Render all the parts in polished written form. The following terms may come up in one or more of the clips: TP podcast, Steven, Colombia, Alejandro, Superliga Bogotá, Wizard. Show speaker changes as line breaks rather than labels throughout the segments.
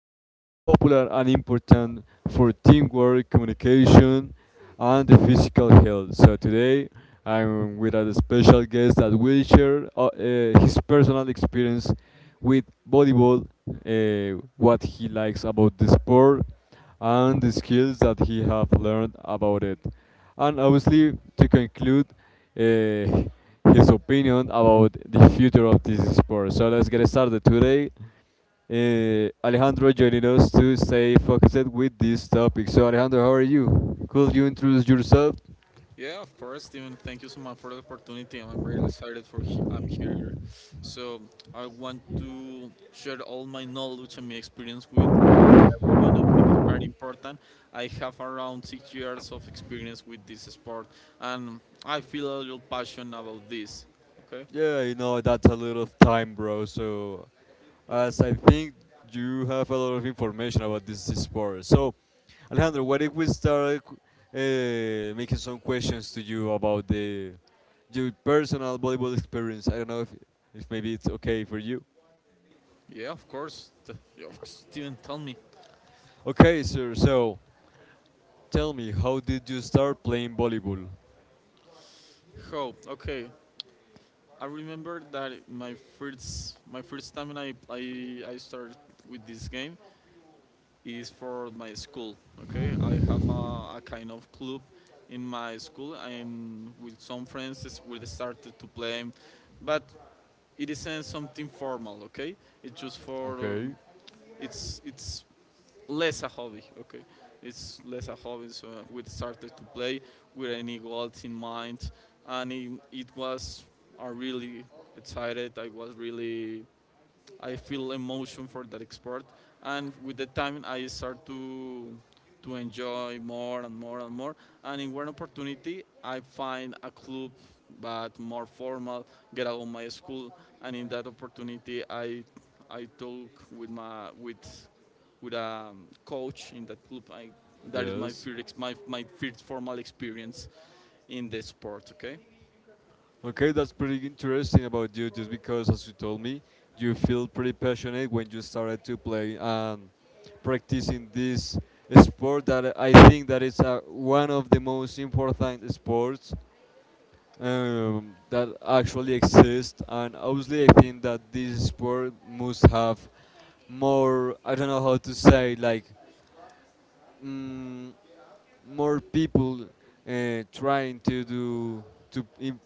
is very popular and important for teamwork, communication, and the physical health. So, today, I'm with a special guest that will share his personal experience with volleyball, what he likes about the sport, and the skills that he have learned about it. And obviously, to conclude uh, his opinion about the future of this sport. So let's get started today. Alejandro joining us to stay focused with this topic. So Alejandro, how are you? Could you introduce yourself?
Yeah, of course, Steven. Thank you so much for the opportunity. I'm very excited I'm here. So I want to share all my knowledge and my experience with everyone. I think it's very important. I have around 6 years of experience with this sport, and I feel a little passion about this. Okay.
Yeah, that's a lot of time, bro. So as I think you have a lot of information about this sport. So, Alejandro, what if we start making some questions to you about the your personal volleyball experience? I don't know if maybe it's okay for you.
Yeah, of course. Yeah, of course. Steven, tell me.
Okay, sir. So, tell me, how did you start playing volleyball?
How? Okay. I remember that my first time when I started with this game, is for my school. Okay, I have a kind of club in my school, and with some friends we started to play, but it isn't something formal. Okay, it's just for
Okay.
it's less a hobby. Okay, it's less a hobby. So we started to play with any goals in mind, and it was a really excited. I was really I feel emotion for that sport, and with the time I start to enjoy more and more and more. And in one opportunity, I find a club, but more formal, get out of my school, and in that opportunity, I talk with my with a coach in that club. I, that is my
Yes.
first my my first formal experience in the sport. Okay.
Okay, that's pretty interesting about you, just because, as you told me, you feel pretty passionate when you started to play and practicing this sport that I think that is one of the most important sports that actually exist. And obviously, I think that this sport must have more, I don't know how to say, like, mm more people trying to do to im-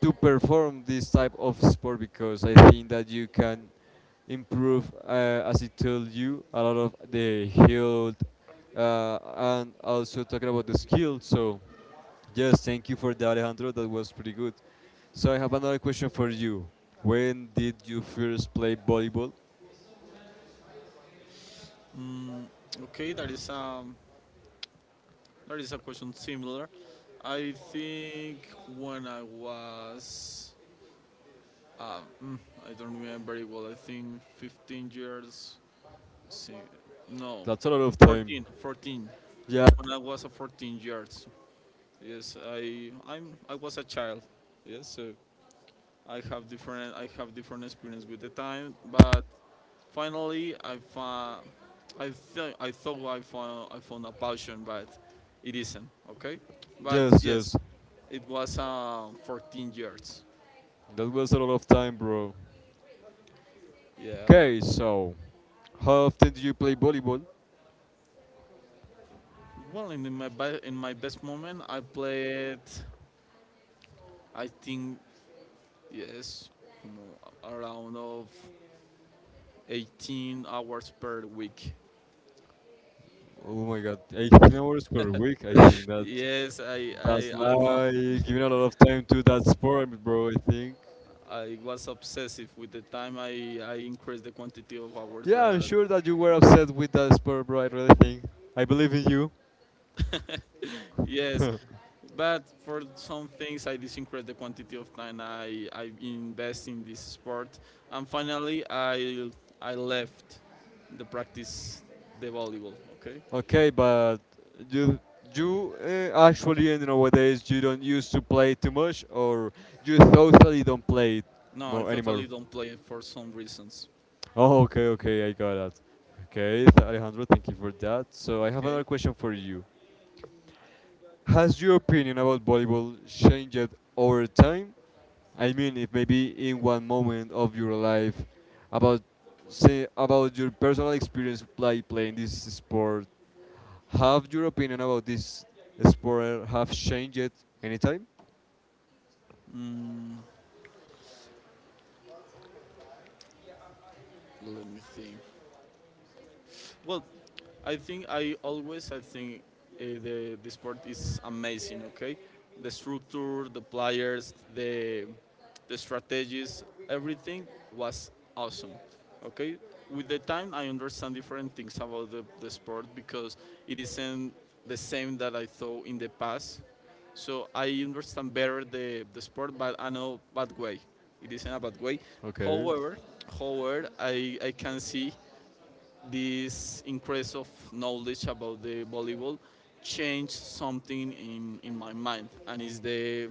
to perform this type of sport because I think that you can improve, as I told you, a lot of the health uh, and also talking about the skill. So yes, thank you for that, Alejandro. That was pretty good. So I have another question for you. When did you first play volleyball?
Mm, okay, that is um, That is a question similar. I think when I was, um, mm, I don't remember it well, I think 15 years, si- no,
That's a lot of time.
14, 14.
Yeah.
When I was a 14 years, yes, I was a child, yes, so I have different experience with the time, but finally, I think I thought I found a passion, but it isn't. Okay, but
Yes, yes.
yes, it was 14 years.
That was a lot of time, bro.
Yeah, man.
Okay, so how often do you play volleyball?
Well, in my in my best moment, I played. I think yes, around of 18 hours per week.
Oh my god, 18 hours per week. I think that
Yes, I I
that's
I'm. a-
like giving a lot of time to that sport, bro. I think.
I was obsessive with the time I increased the quantity of hours
Yeah, I'm
that
sure that you were upset with that sport, bro. I really think. I believe in you.
Yes, but for some things I did increase the quantity of time I invest in this sport, and finally I left the practice the volleyball. Okay,
Okay, but you actually nowadays you don't used to play too much, or you totally don't play it
no, I
more anymore.
totally don't play it for some reasons.
Oh, okay, okay, I got that. Okay,
Okay,
Alejandro, thank you for that. So I have another
okay.
question for you. Has your opinion about volleyball changed over time? I mean, if maybe in one moment of your life, about say about your personal experience playing this sport, have your opinion about this sport have changed anytime?
Mm, let me think. Well, I think the sport is amazing. Okay, the structure, the players, the strategies, everything was awesome. Okay, with the time I understand different things about the sport because it isn't the same that I thought in the past. So I understand better the sport, but I know bad way. It isn't a bad way.
Okay.
However, however, I can see this increase of knowledge about the volleyball changed something in my mind, and it's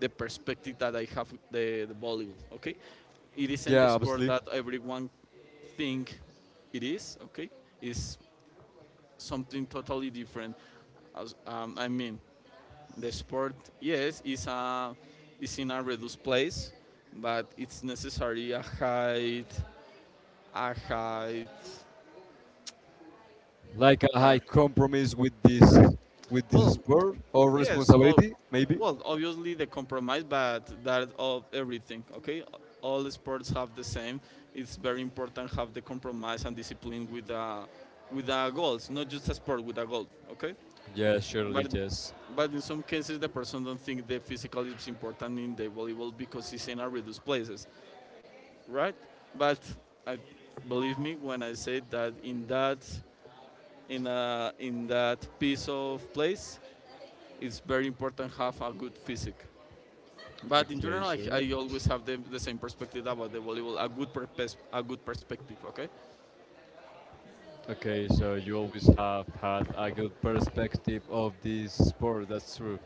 the perspective that I have with the volleyball. Okay, it isn't a
Yeah,
sport
obviously.
that everyone think it is. Okay, it's something totally different. I mean, the sport, yes, is in a reduced place, but it's necessary a height, a height.
Like a
uh,
high compromise with this
well,
sport or
Yes, o-
responsibility, maybe.
well, obviously the compromise, but that of everything. Okay, all sports have the same. It's very important have the compromise and discipline with the goals, not just a sport with a goal. Okay,
Yeah, surely,
but
yes.
but in some cases the person don't think the physical is important in the volleyball because it's in a reduced places, right? But I believe me when I say that in that piece of place, it's very important have a good physique. But in
Okay,
general,
sure.
I always have the same perspective about the volleyball, a good purpose, a good perspective. Okay.
Okay, so you always have had a good perspective of this sport, that's true.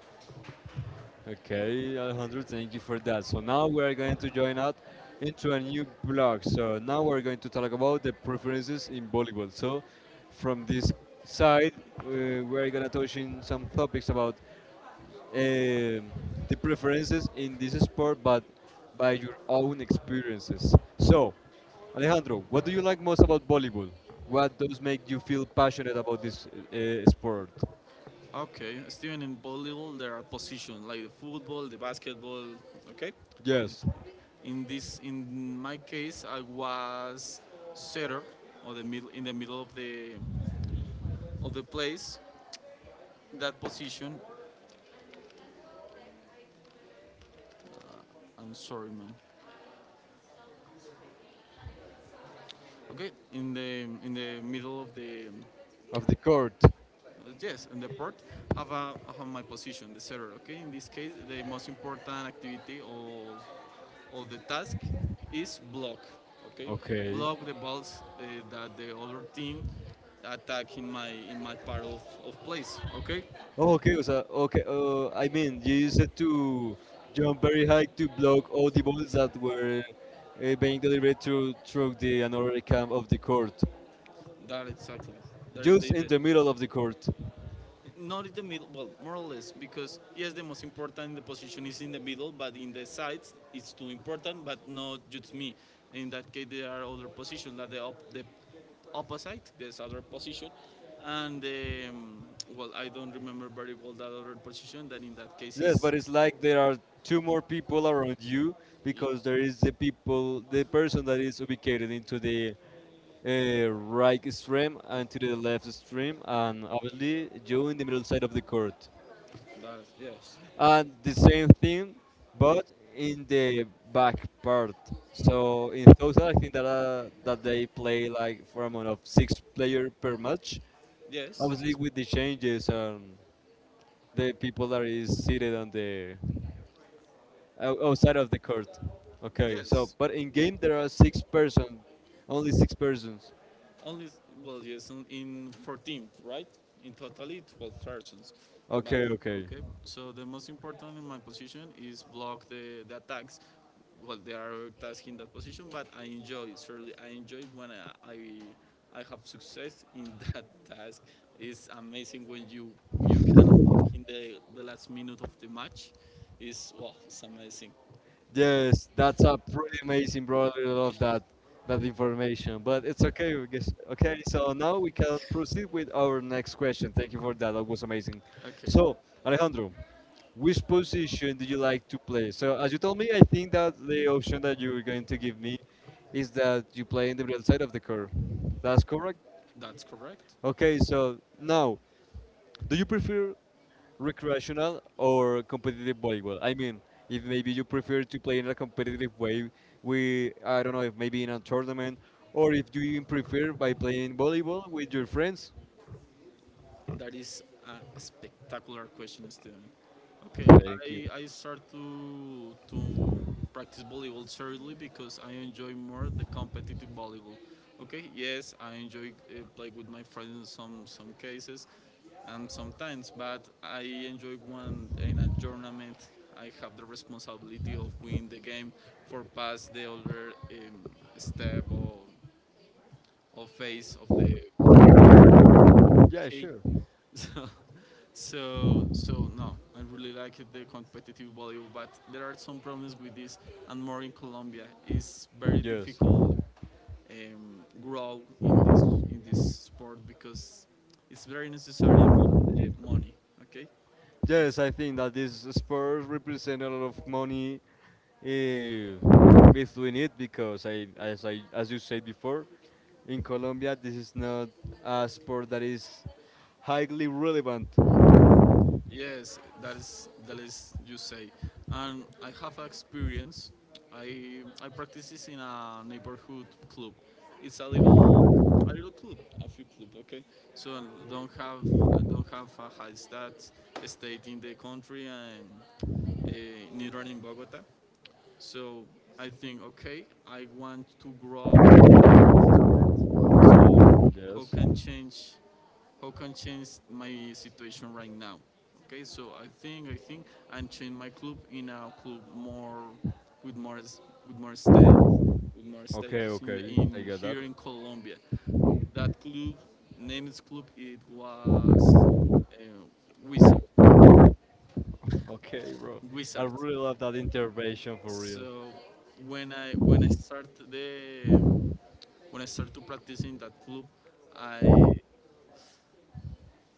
Okay, Alejandro, thank you for that. So now we're going to join out into a new blog. So now we're going to talk about the preferences in volleyball. So from this side, we're gonna touch in some topics about um the preferences in this sport, but by your own experiences. So, Alejandro, what do you like most about volleyball? What does make you feel passionate about this sport?
Okay. Steven, in volleyball, there are positions like the football, the basketball. Okay.
Yes,
In my case, I was setter or the middle in the middle of the place. That position. I'm sorry, man. Okay. In the middle of the
of the court.
yes, in the port, I have my position, the setter. Okay. In this case, the most important activity of all the task is block. Okay,
Okay.
block the balls that the other team attack in my part of place. Okay,
Oh, okay, o sea, okay. I mean, you used it to jump very high to block all the balls that were being delivered through the another camp of the court,
that exactly. That is
just in
the
the middle of the court.
not in the middle. Well, more or less because yes, the most important the position is in the middle, but in the sides it's too important, but not just me. In that case, there are other positions that the opposite, there's other position, and well, I don't remember very well that other position. That in that case
Yes,
is
but it's like there are two more people around you because there is the people, the person that is ubicated into the right extreme and to the left extreme, and obviously you in the middle side of the court.
yes.
And the same thing, but in the back part. So in total, I think that that they play like for amount of six player per match.
Yes.
Obviously,
Six.
with the changes and the people that is seated on the outside of the court. Okay, so
Yes.
but in game there are six persons, only six persons.
Only well, yes, in 14, right? In totally 12 persons. But
Okay, okay.
okay. So the most important in my position is block the attacks. Well, there are tasks in that position, but I enjoy. It. Surely, I enjoy when I have success in that task. It's amazing when you can block in the last minute of the match. Is well, it's amazing.
Yes, that's a pretty amazing, bro. I really love that information. But it's okay, I guess. Okay, so now we can proceed with our next question. Thank you for that. That was amazing.
Okay,
So Alejandro, which position do you like to play? So as you told me, I think that the option that you're going to give me is that you play in the real side of the curve. That's correct.
that's correct.
Okay, so now do you prefer recreational or competitive volleyball? I mean, if maybe you prefer to play in a competitive way, we I don't know if maybe in a tournament, or if you even prefer by playing volleyball with your friends.
That is a spectacular question, Steven. Okay,
Thank you.
I start to practice volleyball seriously because I enjoy more the competitive volleyball. Okay, yes, I enjoy play with my friends in some cases, and sometimes, but I enjoy when in a tournament I have the responsibility of winning the game for pass the other step or phase of the
Yeah,
okay.
sure.
So, so no, I really like the competitive volleyball, but there are some problems with this, and more in Colombia. It's very
Yes.
difficult grow in this sport because it's very necessary the money. Okay,
Yes,
it's
I think that this sport represent a lot of money uh, with doing it because I as you said before, in Colombia this is not a sport that is highly relevant.
yes, that is you say, and I have experience. I practice this in a neighborhood club. It's a little club, a few club, okay. So don't have I don't have a high state in the country and uh, neither in Bogota. So I think, okay, I want to grow with this sport. So how
Yes.
can change how can change my situation right now? Okay, so I think and change my club in a club more with more with more state with more
Okay,
status in the,
okay, I
in
get that.
here in Colombia. That club named club it was uh, Wizard. Okay,
Okay, bro, I
Wizard.
really love that intervention for real.
So when I when I start the when I start to practice in that club, I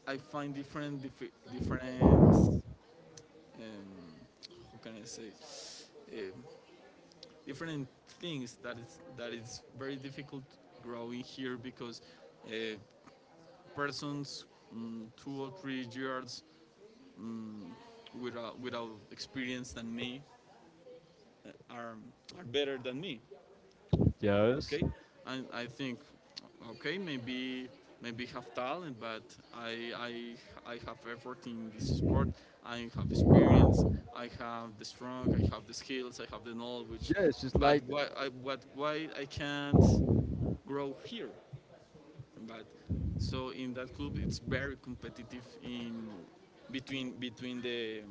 I find different different um, how can I say um different things that is very difficult growing here because uh, persons 2 or 3 years um, without experience than me uh, are are better than me,
Yes,
okay. And I think okay maybe maybe have talent but I have effort in this sport, I have experience, I have the strong, I have the skills, I have the knowledge,
yes, it's
but
like
why I can't grow here. But so in that club it's very competitive in between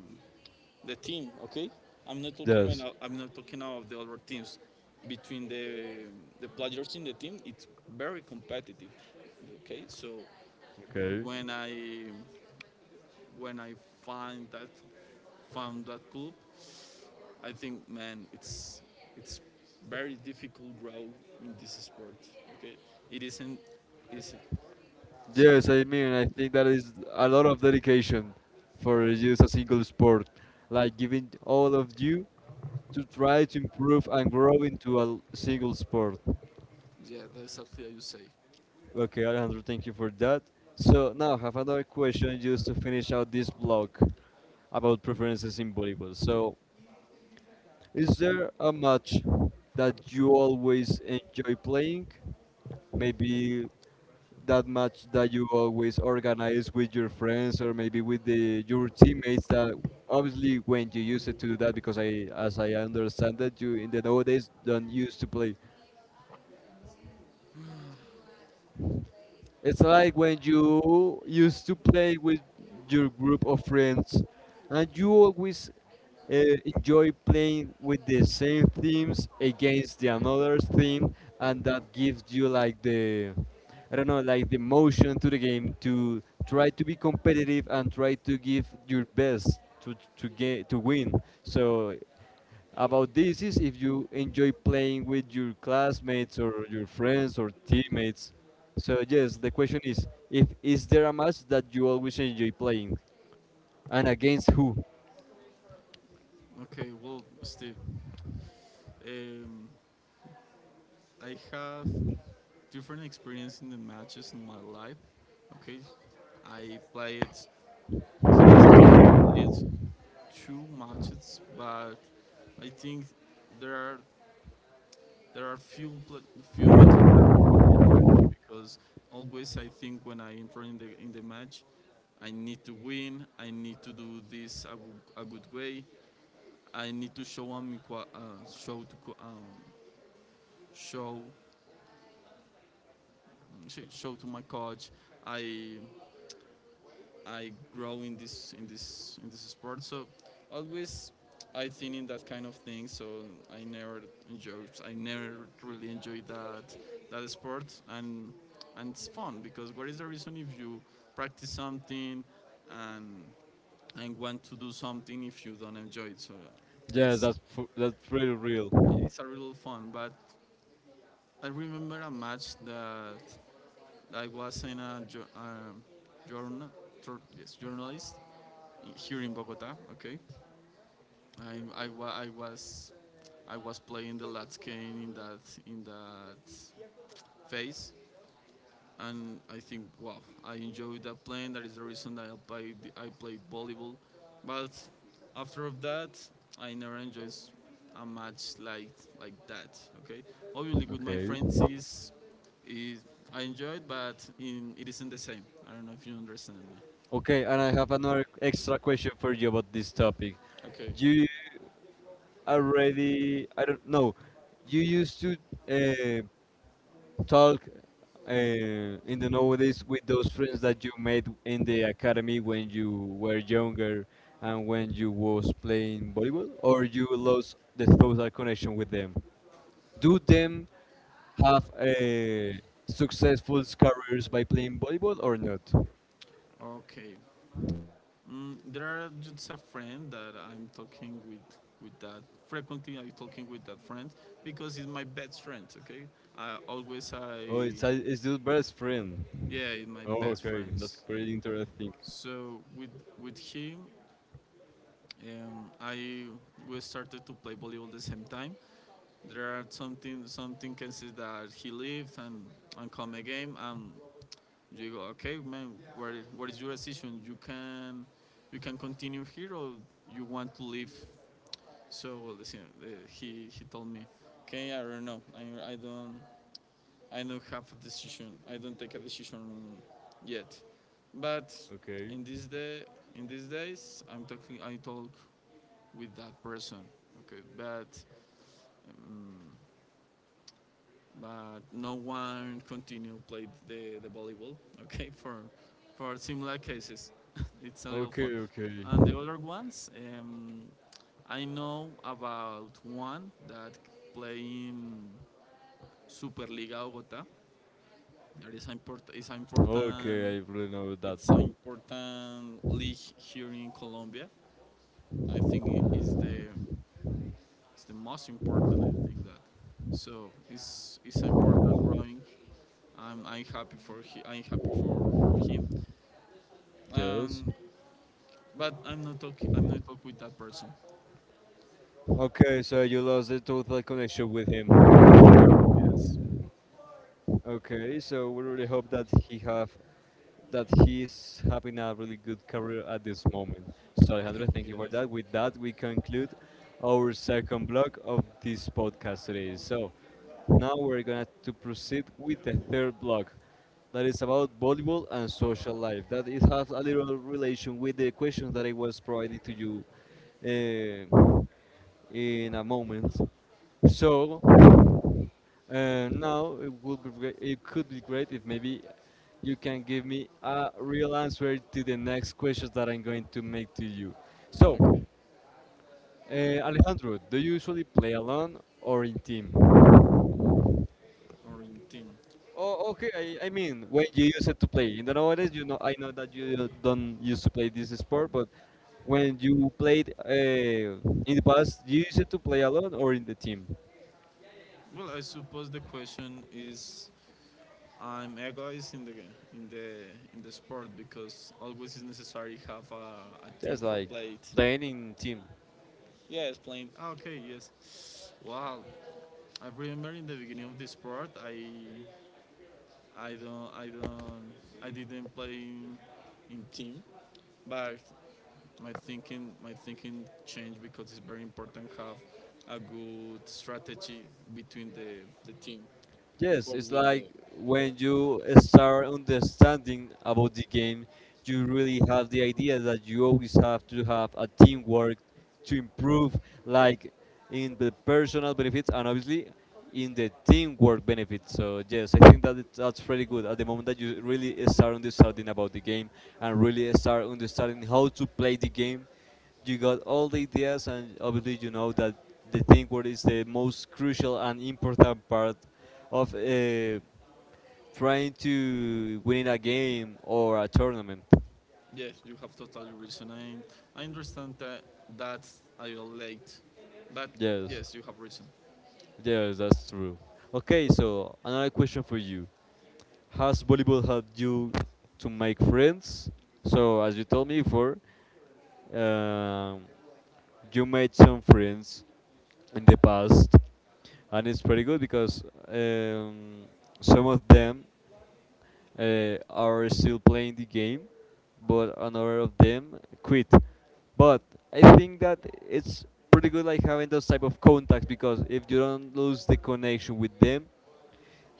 the team, okay?
yes.
I'm not talking about the other teams. Between the players in the team, it's very competitive. Okay, so
Okay,
when I when I find that found that club, I think man, it's very difficult grow in this sport. Okay, it isn't easy. So
yes, I mean, I think that is a lot of dedication for just a single sport. Like giving all of you to try to improve and grow into a single sport.
yeah, that's exactly how you say.
Okay, Alejandro, thank you for that. So now I have another question just to finish out this blog about preferences in volleyball. So is there a match that you always enjoy playing? Maybe that match that you always organize with your friends or maybe with the your teammates that obviously when you used it to do that because I understand it you in the nowadays don't used to play. It's like when you used to play with your group of friends and you always enjoy playing with the same themes against the another theme, and that gives you like the I don't know, like the motion to the game to try to be competitive and try to give your best to get to win. So about this is if you enjoy playing with your classmates or your friends or teammates. So yes, the question is if is there a match that you always enjoy playing and against who?
Okay, well, Steve, um, I have different experience in the matches in my life. Okay, I played, yes, I have played two matches, but I think there are there are few matches that I really enjoyed because always I think when I enter in the match, I need to win. I need to do this a good way. I need to show show to my coach. I I grow in this in this in this sport. So always I think in that kind of thing. So I never I never really enjoyed that that sport, and it's fun because what is the reason if you practice something and and want to do something if you don't enjoy it? So
Yes,
it's
that's pretty real.
it's a real fun. But I remember a match that I was in a um, journal, yes, journalist here in Bogota. Okay, I, I, I was I was playing the last game in that in that phase, and I think, wow, I enjoyed that playing. That is the reason that I played volleyball. But after of that, I never enjoyed a match like that. Okay, obviously with my
Okay.
friends is, is I enjoy it, but in, it isn't the same. I don't know if you understand me.
Okay, and I have another extra question for you about this topic.
Okay.
You already, I don't know, you used to uh, talk uh, in the nowadays with those friends that you made in the academy when you were younger and when you was playing volleyball, or you lost the total connection with them? Do them have successful careers by playing volleyball or not?
Okay. There are just a friend that I'm talking with that frequently. I'm talking with that friend because he's my best friend. Okay. I always
Oh,
I
it's your best friend.
Yeah, he's my
Oh,
best
okay, that's
friends. Eh,
pretty interesting.
So with him, I we started to play volleyball the same time. There are something can see that he left and come again and you go, okay man, what is your decision? You can continue here or you want to leave? So he told me, okay, I don't know, I don't have a decision. I don't take a decision yet. But
Okay,
in this day, in these days, I'm talking. I talk with that person. Okay, um, but no one continue play the volleyball. Okay, for similar cases, it's a little
okay,
fun.
okay,
And the other ones, um, I know about one that playing Superliga Bogotá. That is important. Is
okay.
important.
I really know that.
It's an important league here in Colombia. I think it's the most important. I think that, so it's important growing. I'm happy for he, I'm happy for him.
Yes.
Um, but I'm not talking with that person.
Okay, so you lost the total connection with him.
Yes.
Okay, so we really hope that he have that he's having a really good career at this moment. So Alejandro, thank you for
yes.
that. With that, we conclude our second block of this podcast today. So now we're gonna to proceed with the third block. That is about volleyball and social life. That it has a little relation with the questions that I was provided to you. In a moment. So now it would be great, it could be great if maybe you can give me a real answer to the next questions that I'm going to make to you. So,
Okay.
Alejandro, do you usually play alone or in team?
Or in team.
Oh, okay. I mean, when you use it to play. In the nowadays, you know, I know that you don't used to play this sport, but when you played in the past, you used it to play alone or in the team?
Well, I suppose the question is I'm egoist in the in the sport because always is necessary to have a team
Just
for
like
play it.
planning team.
Yeah, it's plain. Okay, yes. Wow. I remember in the beginning of the sport, I, I don't, I didn't play in team, but my thinking changed because it's very important to have a good strategy between the team
Yes,
for
it's
win
like
the.
when you start understanding about the game, you really have the idea that you always have to have a teamwork to improve, like in the personal benefits and obviously in the teamwork benefits. So yes, I think that that's pretty good at the moment that you really start understanding about the game and really start understanding how to play the game. You got all the ideas, and obviously you know that the teamwork is the most crucial and important part of trying to win a game or a tournament.
Yes, you have totally reason. I understand that, that I relate, but
Yes,
yes, you have reason.
yes, that's true. Okay, so another question for you: has volleyball helped you to make friends? So, as you told me before, um, you made some friends in the past, and it's pretty good because um, some of them are still playing the game, but another of them quit. But I think that it's pretty good like having those type of contacts because if you don't lose the connection with them,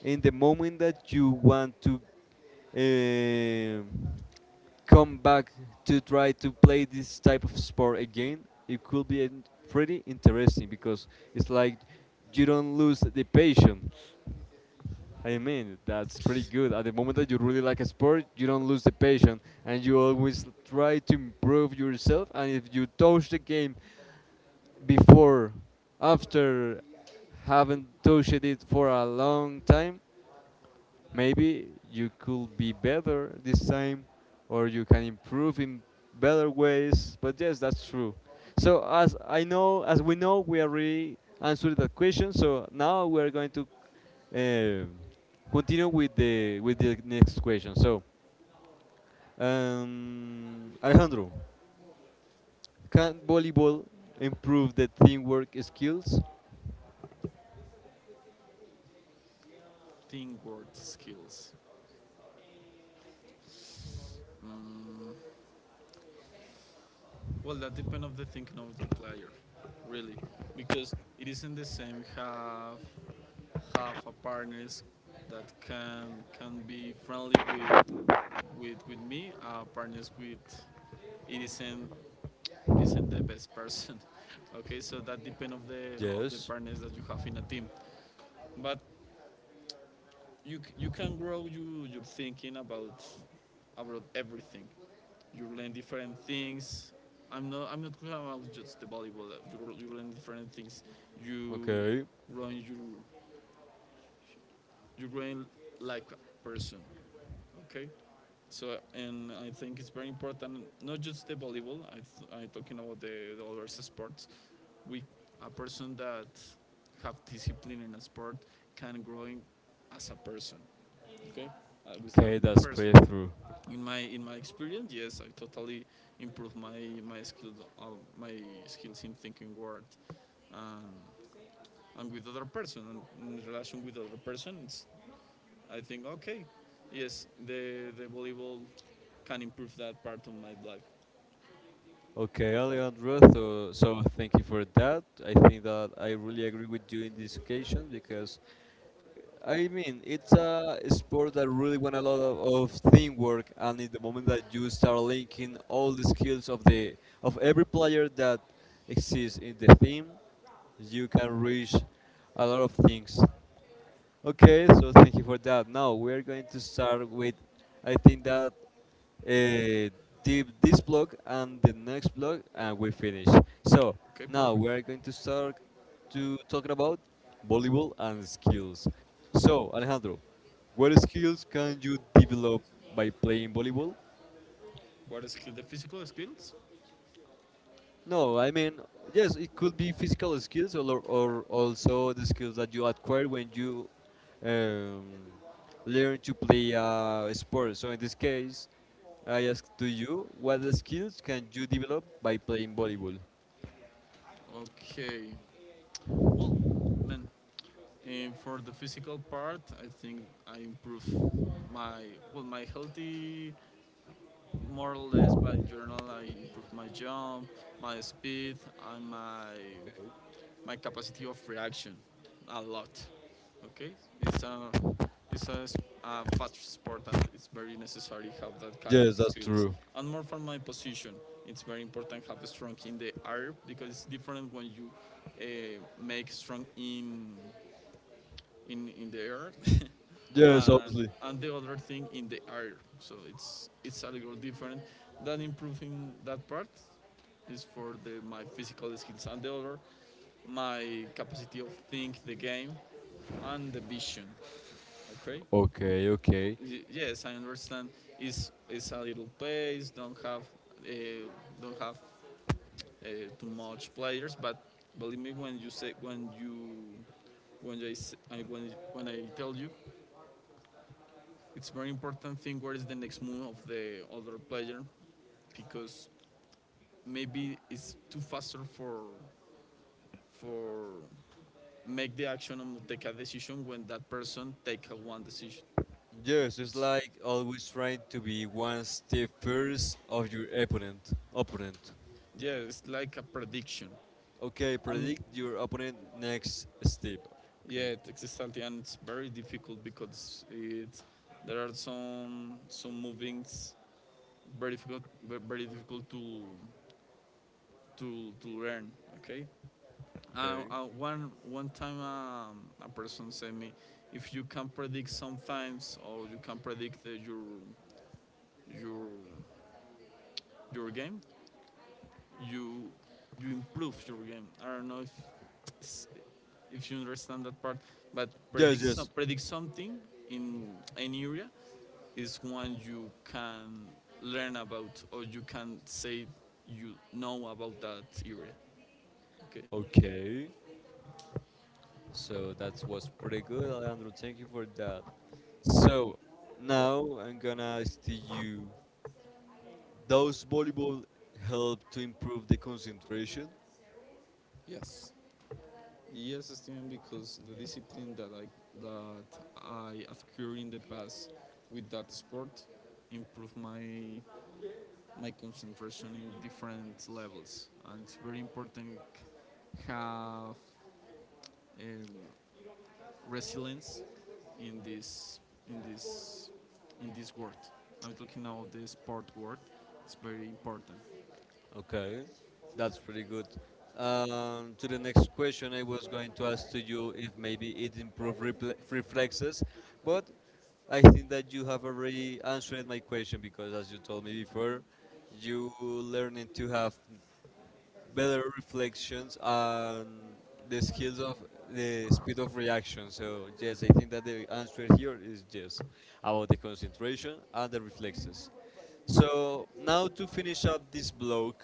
in the moment that you want to um come back to try to play this type of sport again, it could be pretty interesting because it's like you don't lose the passion. I mean, that's pretty good. At the moment that you really like a sport, you don't lose the passion and you always try to improve yourself. And if you touch the game before, after, haven't touched it for a long time, maybe you could be better this time or you can improve in better ways, but yes, that's true. So as we know, we already answered that question, so now we are going to uh, continue with the next question. So Alejandro, can volleyball improve the teamwork skills?
Teamwork skills. Mm, Well, that depends on the thinking of the player, really, because it isn't the same have a partners that can be friendly with with me. Partners with it isn't it isn't the best person. okay, so that depends of the
Yes.
partners that you have in a team. But you can grow you your thinking about everything. You learn different things. I'm not talking about just the volleyball. You, you learn different things. You
Okay.
grow. You grow like a person. Okay. So and I think it's very important. Not just the volleyball. I'm talking about the other sports. We a person that have discipline in a sport can growing as a person. Okay. I was a
Okay,
good
that's
person.
pretty true.
In my experience, yes, I totally improved my my skills uh, my skills in thinking word and, and with other person and in relation with other person. I think okay, yes, the volleyball can improve that part of my life.
Okay, Alejandro, so, thank you for that. I think that I really agree with you in this occasion because, I mean, it's a sport that really want a lot of teamwork, and in the moment that you start linking all the skills of the of every player that exists in the team, you can reach a lot of things. Okay, so thank you for that. Now we're going to start with, I think that this block and the next block, and we finish. So
Okay,
now
perfect.
we are going to start to talk about volleyball and skills. So Alejandro, what skills can you develop by playing volleyball?
What is the physical skills.
No, I mean, yes, it could be physical skills, or also the skills that you acquire when you um, learn to play a sport. So in this case, I ask to you, what skills can you develop by playing volleyball?
Okay. Well, man, eh, for the physical part, I think I improve my, well, my healthy more or less, but in general, I improve my jump, my speed, and
Okay.
my capacity of reaction a lot. Okay, it's a it's a fast sport, and it's very necessary have that kind of
Yes, that's
skills.
true.
And more for my position, it's very important have strong in the air because it's different when you make strong in in the air,
Yes,
uh,
obviously.
and the other thing in the air. So it's a little different. That improving that part is for the my physical skills and the other my capacity of think the game and the vision. Okay.
Okay, okay.
Yes, I understand. It's a little pace. Uh, don't have too much players, but believe me when you say when you when I when I tell you, it's very important thing what is the next move of the other player because maybe it's too faster for make the action and take a decision when that person take a one decision.
Yes, it's like always trying to be one step first of your opponent. Opponent.
Yeah, it's like a prediction.
Okay,
Um,
predict your opponent next step. Okay.
yeah, it takes something and it's very difficult because it's there are some movings very difficult to to learn. Okay.
Okay.
One time, a person said me, if you can predict sometimes or you can predict your your game, you you improve your game. I don't know it's- if you understand that part, but
Yes, yes.
predict something in an area is one you can learn about or you can say you know about that area. Okay.
Okay. So that was pretty good, Alejandro. Thank you for that. So now I'm gonna ask to you. Does volleyball help to improve the concentration?
Yes. Yes, Steven, because the discipline that I, that I acquired in the past with that sport improved my my concentration in different levels, and it's very important have um, resilience in this in this in this world. I'm talking now of the sport world. It's very important.
Okay, that's pretty good. To the next question, I was going to ask to you if maybe it improved reple reflexes, but I think that you have already answered my question because, as you told me before, you learning to have better reflections and the skills of the speed of reaction. So yes, I think that the answer here is yes about the concentration and the reflexes. So now to finish up this block.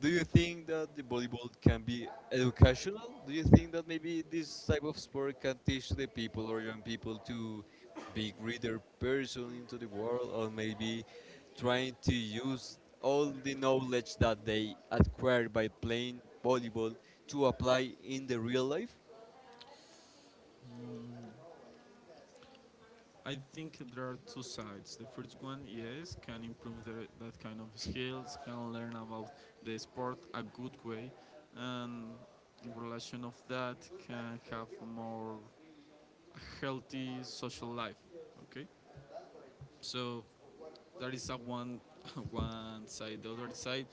Do you think that the volleyball can be educational? Do you think that maybe this type of sport can teach the people or young people to be greater person into the world, or maybe trying to use all the knowledge that they acquired by playing volleyball to apply in the real life?
I think there are two sides. The first one, yes, can improve the, that kind of skills, can learn about the sport a good way, and in relation of that, can have more healthy social life. Okay, so that is a one one side. The other side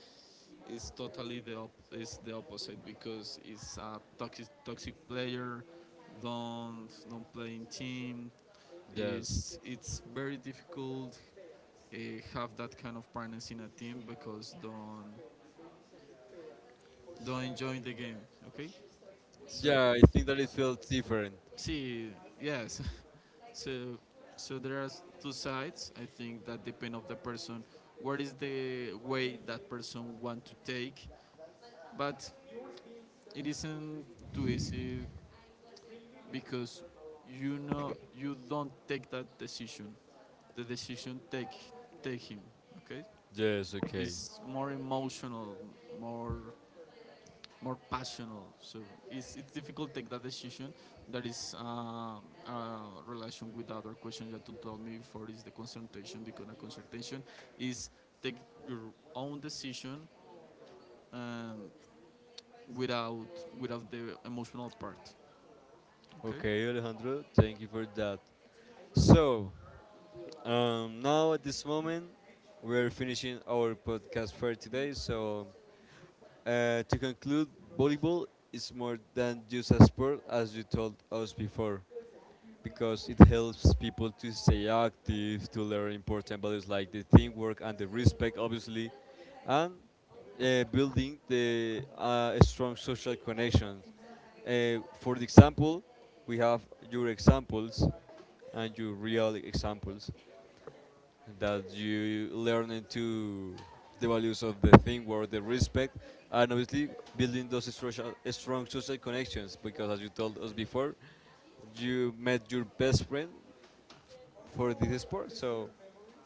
is totally is the opposite because it's a toxic player. Don't play in team.
Yes.
It's very difficult uh, have that kind of partners in a team because don't enjoy the game. Okay, so
Yeah, I think that it felt different.
see, yes, so so there are two sides. I think that depend of the person. What is the way that person want to take? But it isn't too easy because you know you don't take that decision. The decision take take him. Okay,
Yes, okay.
it's more emotional, more more passionate. So it's difficult to take that decision. That is relation with the other question that you told me before is the consultation because a consultation is take your own decision, um, without without the emotional part. Okay.
Okay, Alejandro, thank you for that. So, um, now at this moment, we're finishing our podcast for today. So to conclude, volleyball is more than just a sport, as you told us before, because it helps people to stay active, to learn important values like the teamwork and the respect, obviously, and building the strong social connections. For the example, we have your examples and your real examples. That you learn to the values of the thing or the respect, and obviously building those social, strong social connections, because as you told us before you met your best friend for this sport, so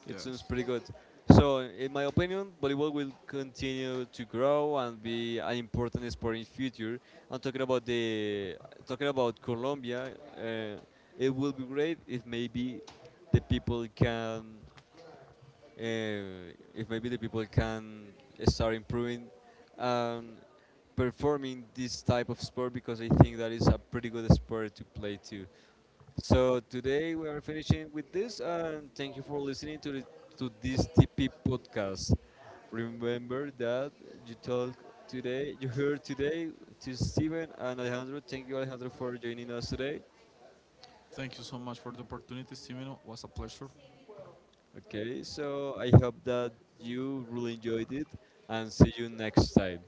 it seems
Yes.
pretty good. So in my opinion, volleyball will continue to grow and be an important sport in future. And talking about Colombia, it will be great if maybe the people can if maybe the people can start improving and performing this type of sport, because I think that is a pretty good sport to play too. So today we are finishing with this, and thank you for to this TP podcast. Remember that you talk you heard today to Steven and Alejandro. Thank you, Alejandro, for joining us today.
Thank you so much for the opportunity, Simeno. It was a pleasure.
Okay, so I hope that you really enjoyed it, and see you next time.